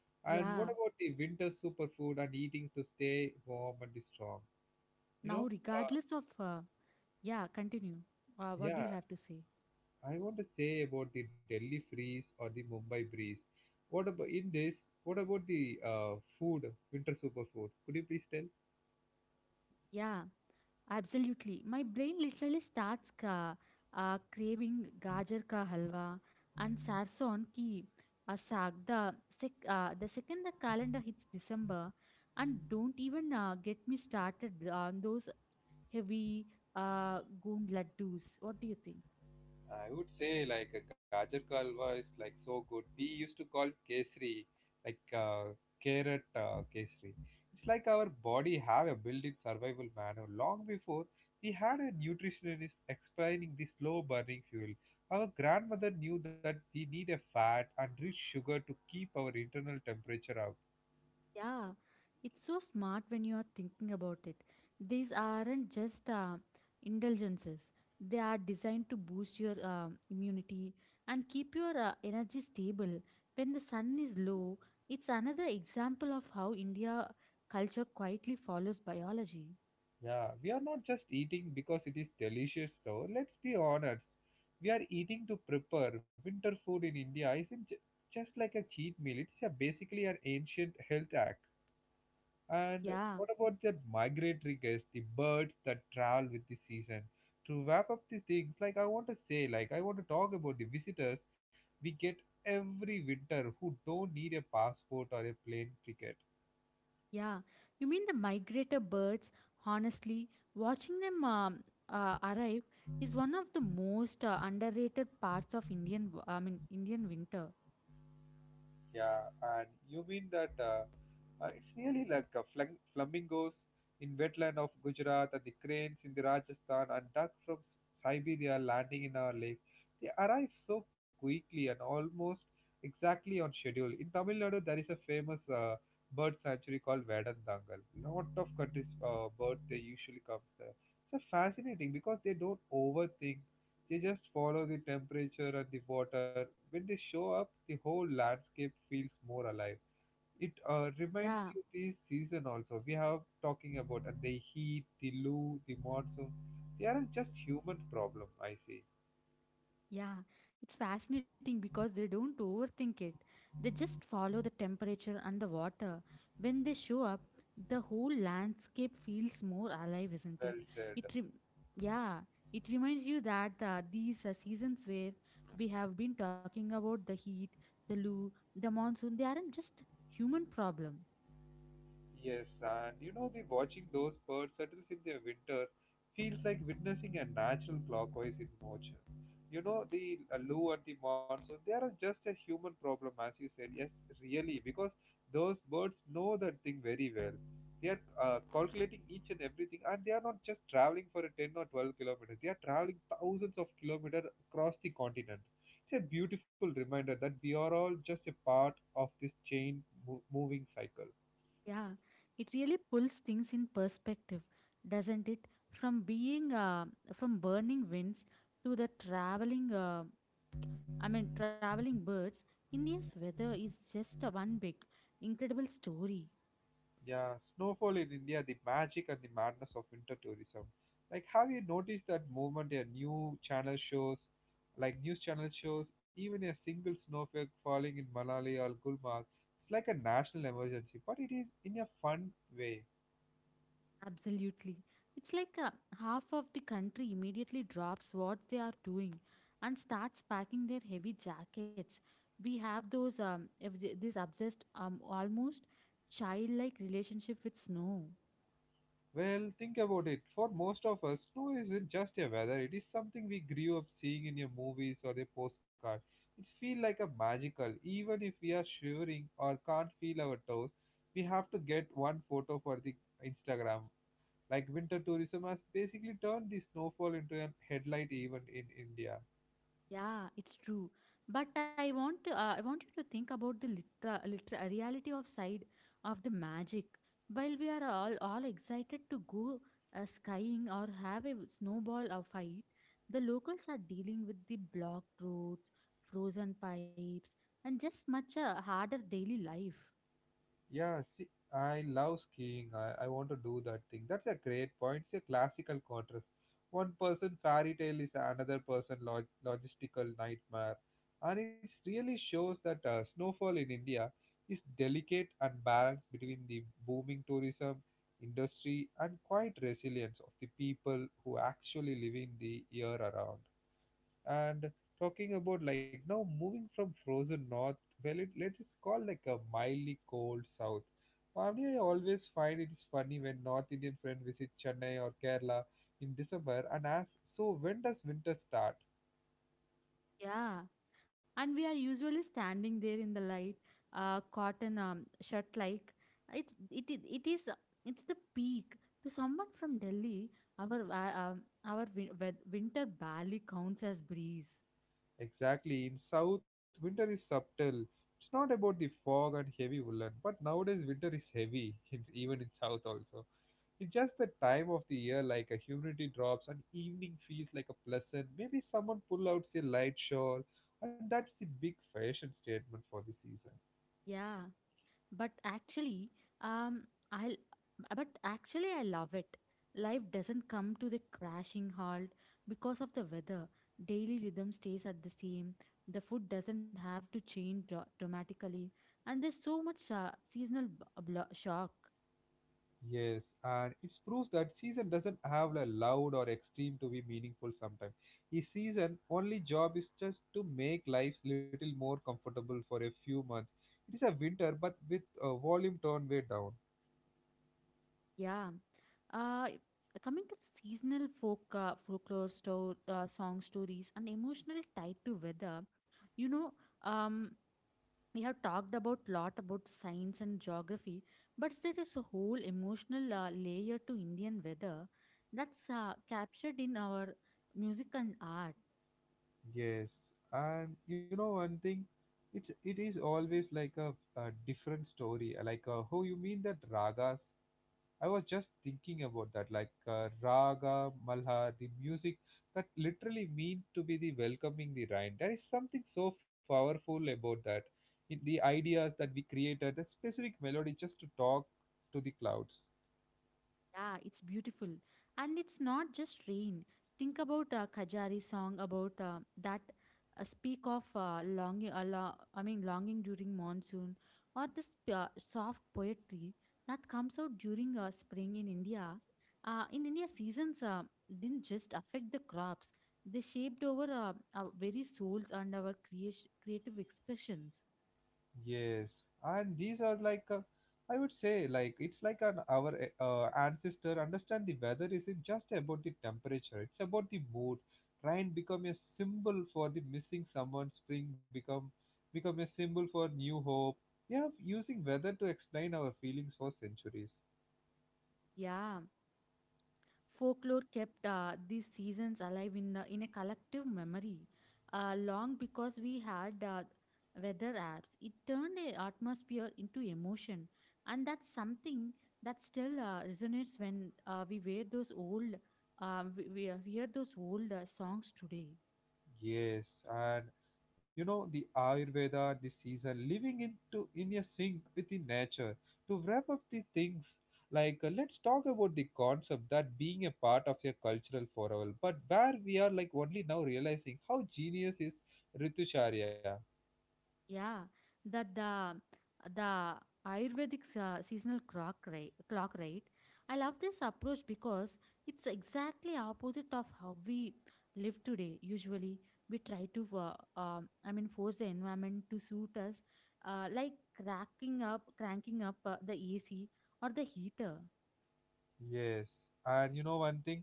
Speaker 2: Yeah.
Speaker 1: And what about the winter superfood and eating to stay warm and strong? You
Speaker 2: Now,
Speaker 1: know, uh,
Speaker 2: regardless of, yeah, continue. What do you
Speaker 1: yeah,
Speaker 2: have to say?
Speaker 1: I want to say about the Delhi freeze or the Mumbai breeze. What about in this? What about the food, winter superfood? Could you please tell?
Speaker 2: Yeah. Absolutely. My brain literally starts craving gajar ka halwa and sarson ki saag. The second the calendar hits December, and don't even get me started on those heavy goond laddus. What do you think?
Speaker 1: I would say like a gajar ka halwa is like so good. We used to call kesri, like carrot kesri. It's like our body have a built-in survival manner long before we had a nutritionist explaining the slow burning fuel. Our grandmother knew that we need a fat and rich sugar to keep our internal temperature up.
Speaker 2: Yeah, it's so smart when you are thinking about it. These aren't just indulgences, they are designed to boost your immunity and keep your energy stable. When the sun is low, it's another example of how India culture quietly follows biology.
Speaker 1: Yeah, we are not just eating because it is delicious though. Let's be honest. We are eating to prepare. Winter food in India isn't just like a cheat meal. It's a basically an ancient health act. And
Speaker 2: Yeah,
Speaker 1: what about the migratory guests, the birds that travel with the season? To wrap up the things, like I want to say, like I want to talk about the visitors we get every winter who don't need a passport or a plane ticket.
Speaker 2: yeah. You mean the migrator birds? Honestly, watching them arrive is one of the most underrated parts of Indian, w- I mean, Indian winter.
Speaker 1: Yeah, and you mean that it's really like flamingos in wetland of Gujarat and the cranes in the Rajasthan and duck from Siberia landing in our lake. They arrive so quickly and almost exactly on schedule. In Tamil Nadu, there is a famous bird sanctuary called Vedandangal. Lot of countries birds they usually comes there. It's a fascinating because they don't overthink you just follow the temperature and the water. When they show up, the whole landscape feels more alive. It reminds
Speaker 2: Yeah,
Speaker 1: you the season also. We have talking about and the heat, the loo, the monsoon. They aren't just human problem. I see.
Speaker 2: yeah. It's fascinating because they don't overthink it. They just follow the temperature and the water. When they show up, the whole landscape feels more alive, isn't
Speaker 1: Well
Speaker 2: it?
Speaker 1: said.
Speaker 2: It rem- yeah, it reminds you that these seasons where we have been talking about the heat, the loo, the monsoon, they aren't just human problem.
Speaker 1: Yes, and you know, the watching those birds settle in their winter feels like witnessing a natural clockwise in motion. You know, the loo and the monsoon, they are just a human problem, as you said. Yes, really, because those birds know that thing very well. They are calculating each and everything, and they are not just traveling for a 10 or 12 kilometers. They are traveling thousands of kilometers across the continent. It's a beautiful reminder that we are all just a part of this moving cycle.
Speaker 2: Yeah, it really pulls things in perspective, doesn't it? From being from burning winds to the traveling, I mean traveling birds. India's weather is just a one big, incredible story.
Speaker 1: Yeah, snowfall in India, the magic and the madness of winter tourism. Like, have you noticed that movement a new channel shows, like news channel shows, even a single snowflake falling in Malali or Gulmarg? It's like a national emergency, but it is in a fun way.
Speaker 2: Absolutely, it's like half of the country immediately drops what they are doing and starts packing their heavy jackets. We have those if th- this obsessed almost childlike relationship with snow.
Speaker 1: Well, think about it. For most of us, snow isn't just a weather, it is something we grew up seeing in your movies or the postcard. It feels like a magical, even if we are shivering or can't feel our toes, we have to get one photo for the Instagram. Like winter tourism has basically turned the snowfall into a headlight event in India.
Speaker 2: Yeah, it's true. But I want to, I want you to think about the reality of side of the magic. While we are all excited to go skying or have a snowball or fight, the locals are dealing with the blocked roads, frozen pipes, and just much a harder daily life.
Speaker 1: Yeah, see, I love skiing. I want to do that thing. That's a great point. It's a classical contrast. One person fairy tale is another person logistical nightmare. And it really shows that snowfall in India is delicate and balanced between the booming tourism industry and quiet resilience of the people who actually live in the year around, and talking about like now moving from frozen north, well it, let us call like a mildly cold south. Mavni, I always find it is funny when North Indian friend visit Chennai or Kerala in December and ask, so when does winter start?
Speaker 2: Yeah, and we are usually standing there in the light cotton shirt like it is it's the peak to someone from Delhi, our winter barely counts as breeze.
Speaker 1: Exactly, in South, winter is subtle. It's not about the fog and heavy woolen, but nowadays winter is heavy, in, even in South also. It's just the time of the year, like a humidity drops and evening feels like a pleasant. Maybe someone pull out a light shawl, and that's the big fashion statement for the season.
Speaker 2: Yeah, but actually, um I'll but actually I love it. Life doesn't come to the crashing halt because of the weather. Daily rhythm stays at the same. The food doesn't have to change dramatically, and there's so much seasonal shock.
Speaker 1: Yes, and it proves that season doesn't have a loud or extreme to be meaningful sometimes. The season only job is just to make life little more comfortable for a few months. It is a winter, but with volume turned way down.
Speaker 2: Yeah. uh Coming to seasonal folklore store song stories and emotional tied to weather, you know, um we have talked about lot about science and geography, but there is a whole emotional layer to Indian weather that's captured in our music and art.
Speaker 1: Yes, and you know one thing, it is always like a different story. Like oh, you mean that ragas? I was just thinking about that. Like raga, malha, the music that literally mean to be the welcoming the rain. There is something so powerful about that. In the ideas that we created, that specific melody just to talk to the clouds.
Speaker 2: Yeah, it's beautiful. And it's not just rain. Think about Khajari song about that speak of longing, lo- I mean, longing during monsoon, or this soft poetry that comes out during spring in India. In India, seasons didn't just affect the crops, they shaped our very souls and creative expressions.
Speaker 1: Yes, and these are like I would say like it's like an our ancestor understand the weather isn't just about the temperature; it's about the mood. Rain become a symbol for the missing someone. Spring become a symbol for new hope. We are using weather to explain our feelings for centuries.
Speaker 2: Yeah. Folklore kept these seasons alive in the in a collective memory, long because we had weather apps. It turned the atmosphere into emotion, and that's something that still resonates when we wear those old we hear those old songs today.
Speaker 1: Yes, and you know the Ayurveda, the season, living into in a sync with the nature. To wrap up the things, like let's talk about the concept that being a part of a cultural forever, but where we are like only now realizing how genius is Ritucharya.
Speaker 2: Yeah, that the Ayurvedic seasonal clock right. I love this approach because it's exactly opposite of how we live today. Usually, we try to force the environment to suit us, like cranking up the AC or the heater.
Speaker 1: Yes, and you know one thing.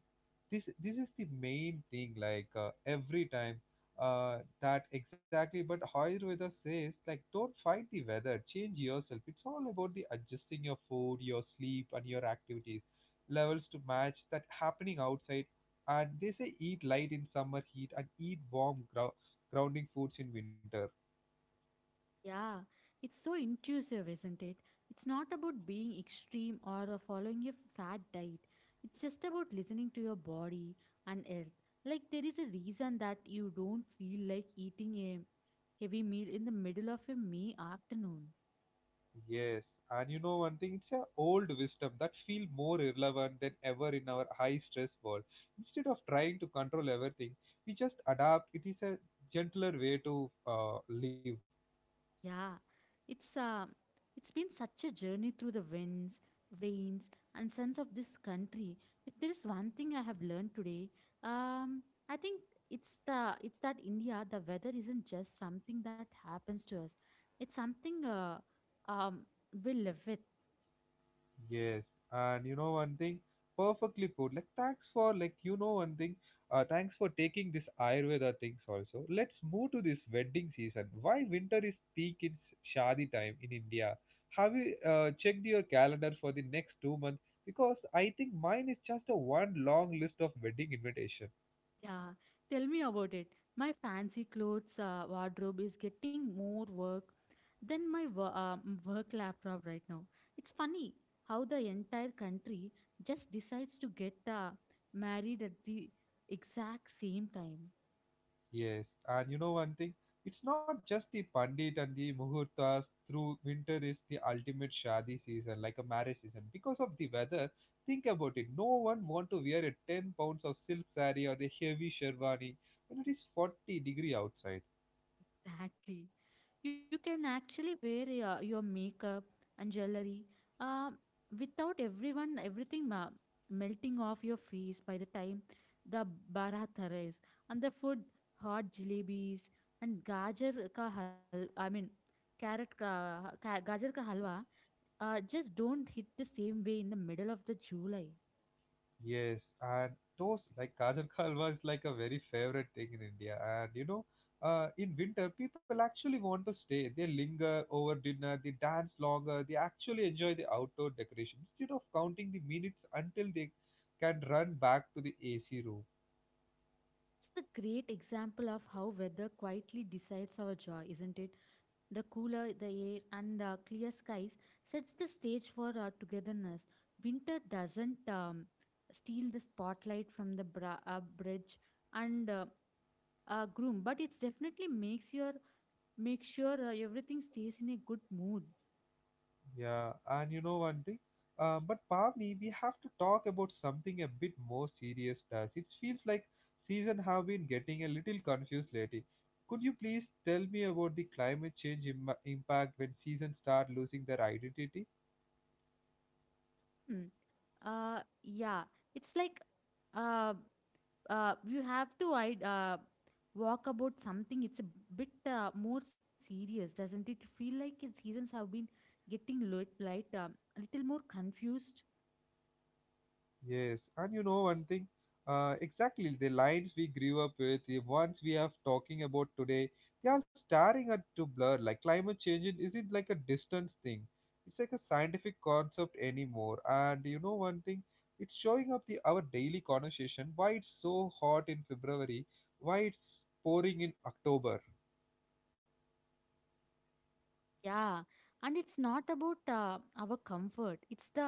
Speaker 1: This is the main thing, like every time that exactly, but ayurveda says like don't fight the weather, change yourself. It's all about the adjusting your food, your sleep and your activities levels to match that happening outside, and they say eat light in summer heat and eat warm grounding foods in winter.
Speaker 2: Yeah, it's so intuitive, isn't it? It's not about being extreme or following a fat diet. It's just about listening to your body and earth. Like, there is a reason that you don't feel like eating a heavy meal in the middle of a May afternoon.
Speaker 1: Yes, and you know one thing, it's a old wisdom that feel more relevant than ever in our high stress world. Instead of trying to control everything, we just adapt. It is a gentler way to live.
Speaker 2: Yeah, it's uh, it's been such a journey through the winds, rains, and suns of this country. If there is one thing I have learned today, um, I think it's the it's that India, the weather isn't just something that happens to us. It's something um, we live with.
Speaker 1: Yes, and you know one thing, perfectly put. Like thanks for like you know one thing. Thanks for taking this Ayurveda things also. Let's move to this wedding season. Why winter is peak in shadi time in India? Have you checked your calendar for the next 2 months? Because I think mine is just a one long list of wedding invitation.
Speaker 2: Yeah, tell me about it. My fancy clothes wardrobe is getting more work than my work laptop right now. It's funny how the entire country just decides to get married at the exact same time.
Speaker 1: Yes, and you know one thing, it's not just the pandit and the muhurtas. Through winter is the ultimate shadi season, like a marriage season. Because of the weather, think about it. No one want to wear a 10 pounds of silk saree or the heavy sherwani when it is 40 degree outside.
Speaker 2: Exactly. You can actually wear your makeup and jewelry uh, without everything melting off your face by the time the barat arrives. And the food, hot jalebis and gajar ka hal, I mean, carrot ka, ka gajar ka halwa, just don't hit the same way in the middle of the July.
Speaker 1: Yes, and those like Kajal Halwa is like a very favorite thing in India. And you know, in winter, people actually want to stay. They linger over dinner, they dance longer, they actually enjoy the outdoor decoration instead of counting the minutes until they can run back to the AC room.
Speaker 2: It's the great example of how weather quietly decides our joy, isn't it? The cooler the air and the clear skies sets the stage for our togetherness. Winter doesn't steal the spotlight from the bridge and groom, but it definitely makes your make sure everything stays in a good mood.
Speaker 1: Yeah, and you know one thing, but Pavni, we have to talk about something a bit more serious. Does it feels like season have been getting a little confused lately? Could you please tell me about the climate change impact when seasons start losing their identity?
Speaker 2: Hmm. Yeah, it's like uh, you have to I walk about something. It's a bit more serious, doesn't it? Feel like his seasons have been getting a little more confused.
Speaker 1: Yes, and you know one thing, exactly the lines we grew up with, the ones we are talking about today, they are staring at to blur. Like climate change isn't like a distance thing; it's like a scientific concept anymore. And you know one thing, it's showing up the our daily conversation. Why it's so hot in February? Why it's pouring in October?
Speaker 2: Yeah, and it's not about our comfort. It's the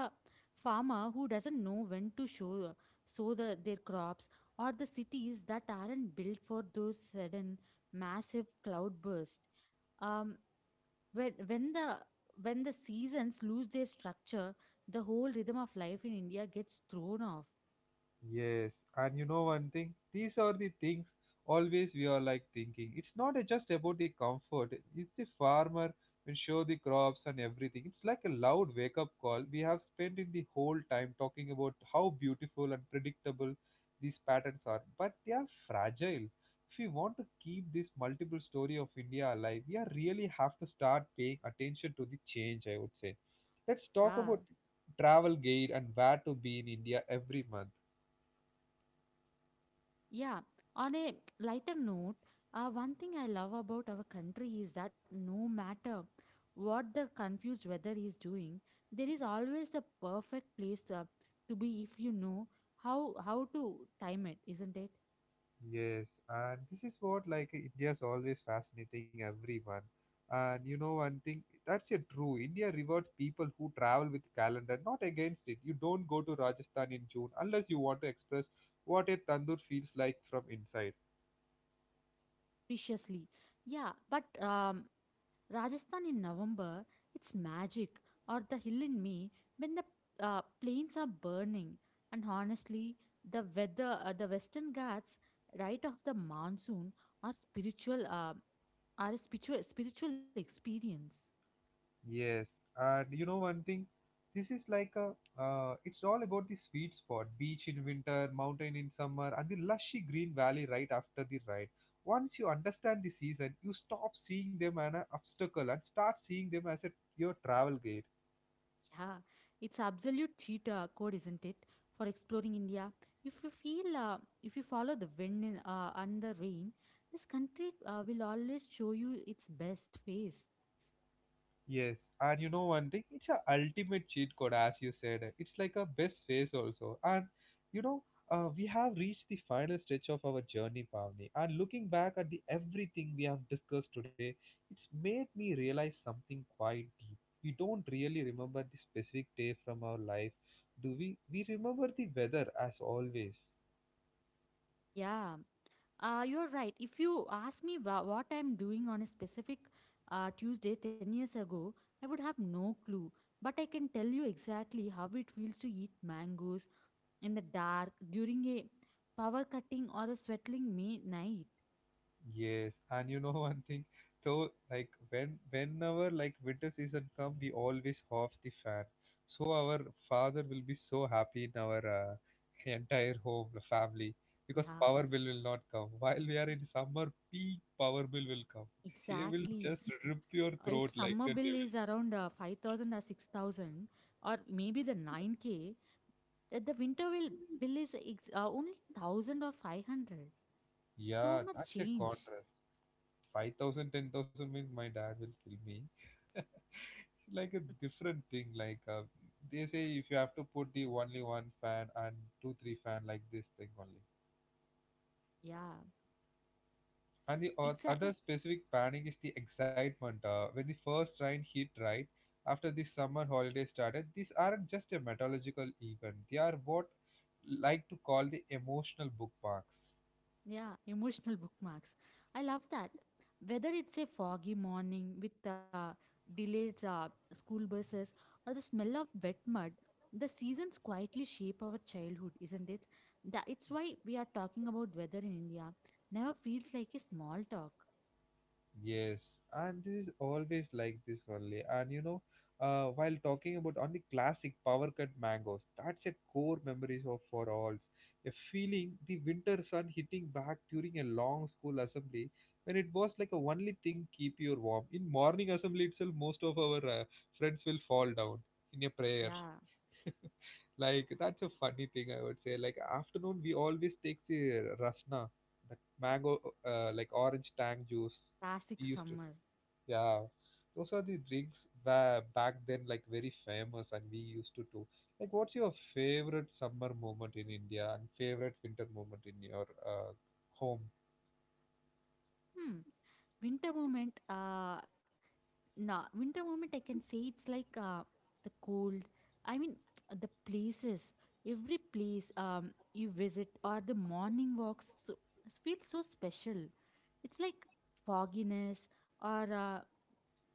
Speaker 2: farmer who doesn't know when to show sow their crops, or the cities that aren't built for those sudden massive cloudbursts. Um, when when the when the seasons lose their structure, the whole rhythm of life in India gets thrown off.
Speaker 1: Yes, and you know one thing, these are the things always we are like thinking. It's not a just about the comfort. It's the farmer will show the crops and everything. It's like a loud wake up call. We have spent in the whole time talking about how beautiful and predictable these patterns are, but they are fragile. If we want to keep this multiple story of India alive, we are really have to start paying attention to the change. I would say. Let's talk
Speaker 2: Yeah.
Speaker 1: about travel guide and where to be in India every month.
Speaker 2: Yeah, on a lighter note, one thing I love about our country is that no matter what the confused weather is doing, there is always the perfect place to be if you know how how to time it, isn't it?
Speaker 1: Yes, and this is what like India's always fascinating everyone. And you know one thing, that's a true. India rewards people who travel with calendar, not against it. You don't go to Rajasthan in June unless you want to express what a tandoor feels like from inside.
Speaker 2: Preciously. Yeah, but Rajasthan in November, it's magic, or the hill in May when the plains are burning. And honestly, the Western Ghats, right off the monsoon, are spiritual, uh, are a spiritual experience.
Speaker 1: Yes, and you know one thing, this is like a it's all about the sweet spot, beach in winter, mountain in summer, and the lushy green valley right after the ride. Once you understand the season, you stop seeing them as an obstacle and start seeing them as a your travel guide.
Speaker 2: Yeah, it's absolute cheat code, isn't it, for exploring India? If you follow the wind and the rain, this country will always show you its best face.
Speaker 1: Yes, and you know one thing, it's a ultimate cheat code, as you said. It's like a best phase also. And you know, we have reached the final stretch of our journey, Pavni. And looking back at the everything we have discussed today, it's made me realize something quite deep. We don't really remember the specific day from our life, do we? We remember the weather as always.
Speaker 2: Yeah, you're right. If you ask me what I'm doing on a specific Tuesday 10 years ago, I would have no clue. But I can tell you exactly how it feels to eat mangoes in the dark during a power cutting or a sweating May night.
Speaker 1: Yes, and you know one thing, though, whenever like winter season come, we always off the fan. So our father will be so happy in our entire home, the family, because
Speaker 2: Yeah.
Speaker 1: power bill will not come. While we are in summer, peak power bill will come. They will just
Speaker 2: Exactly.
Speaker 1: rip your
Speaker 2: If
Speaker 1: throat
Speaker 2: summer
Speaker 1: like that.
Speaker 2: bill
Speaker 1: They
Speaker 2: is
Speaker 1: will.
Speaker 2: around 5,000 or 6,000 or maybe the 9K, the winter will bill only 1,000 or 500. So
Speaker 1: Yeah,
Speaker 2: much
Speaker 1: that's a
Speaker 2: change.
Speaker 1: contrast. 5,000, 10,000 means my dad will kill me. Like a different thing like they say if you have to put the only one fan and two three fan like this thing only.
Speaker 2: Yeah.
Speaker 1: And the
Speaker 2: Exa-
Speaker 1: other specific panic is the excitement when the first rain hit right after the summer holiday started. These aren't just a meteorological event, they are what like to call the emotional bookmarks.
Speaker 2: Yeah, emotional bookmarks. I love that. Whether it's a foggy morning with delayed school buses or the smell of wet mud, the seasons quietly shape our childhood, isn't it? That it's why we are talking about weather in India. Never feels like a small talk.
Speaker 1: Yes, and this is always like this only. And you know, while talking about on the classic power cut mangoes, that's a core memories of for alls. A feeling the winter sun hitting back during a long school assembly when it was like a only thing keep you warm. In morning assembly itself, most of our friends will fall down in a prayer.
Speaker 2: Yeah,
Speaker 1: Like that's a funny thing I would say. Like afternoon, we always take the rasna, that mango, like orange tang juice
Speaker 2: classic
Speaker 1: we used to,
Speaker 2: summer.
Speaker 1: yeah, those are the drinks ba back then, like very famous, and we used to do. Like, what's your favorite summer moment in India and favorite winter moment in your home?
Speaker 2: Hmm. Winter moment. Nah winter moment I can say it's like the cold, I mean, the places, every place you visit or the morning walks so, feels so special. It's like fogginess or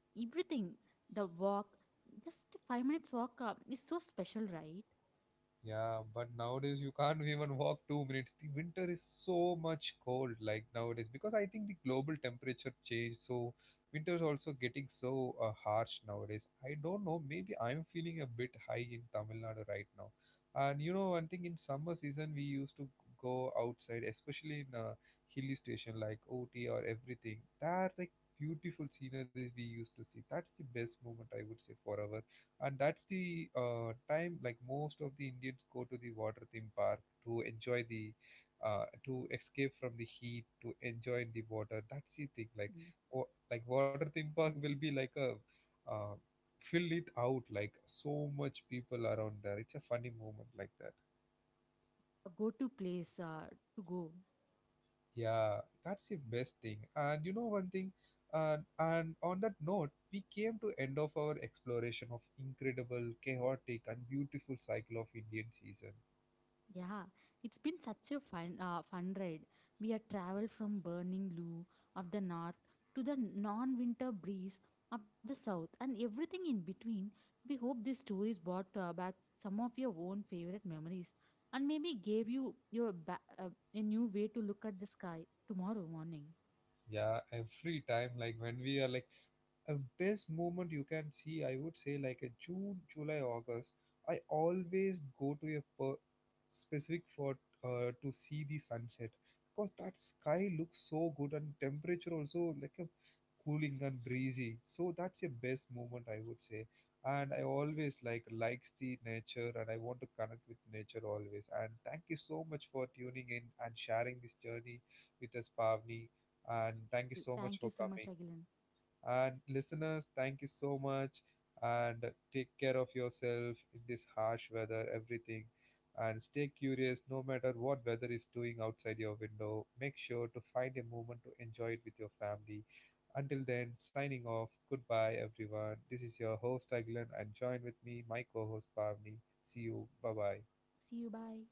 Speaker 2: everything. The walk, just 5 minutes walk is so special, right?
Speaker 1: Yeah, but nowadays you can't even walk 2 minutes. The winter is so much cold, like nowadays, because I think the global temperature change. So winter is also getting so harsh nowadays. I don't know. Maybe I'm feeling a bit high in Tamil Nadu right now. And you know, one thing in summer season we used to go outside, especially in a hilly station like Ooty or everything. That like beautiful sceneries we used to see. That's the best moment I would say for our. And that's the time like most of the Indians go to the water theme park to enjoy the to escape from the heat, to enjoy in the water, that's the thing. Like,
Speaker 2: Mm.
Speaker 1: oh, like water theme park will be like a uh, fill it out like so much people around there, it's a funny moment like that.
Speaker 2: A go-to place to go.
Speaker 1: Yeah, that's the best thing. And you know one thing, and on that note we came to end of our exploration of incredible, chaotic and beautiful cycle of Indian season.
Speaker 2: Yeah, it's been such a fun ride. We have traveled from burning Lou of the north to the non-winter breeze of the south and everything in between. We hope these stories brought back some of your own favorite memories and maybe gave you a new way to look at the sky tomorrow morning.
Speaker 1: Yeah, every time like when we are like a best moment you can see, I would say, like a June, July, August. I always go to a specific for to see the sunset, because that sky looks so good and temperature also like a cooling and breezy. So that's a best moment I would say. And I always like likes the nature and I want to connect with nature always. And thank you so much for tuning in and sharing this journey with us, Pavni. And thank you
Speaker 2: You,
Speaker 1: so much
Speaker 2: thank
Speaker 1: for
Speaker 2: you so much,
Speaker 1: coming.
Speaker 2: Agilan.
Speaker 1: And listeners, thank you so much. And take care of yourself in this harsh weather, everything. And stay curious no matter what weather is doing outside your window. Make sure to find a moment to enjoy it with your family. Until then, signing off. Goodbye, everyone. This is your host, Agilan, and join with me, my co host, Pavni. See you. Bye bye.
Speaker 2: See you. Bye.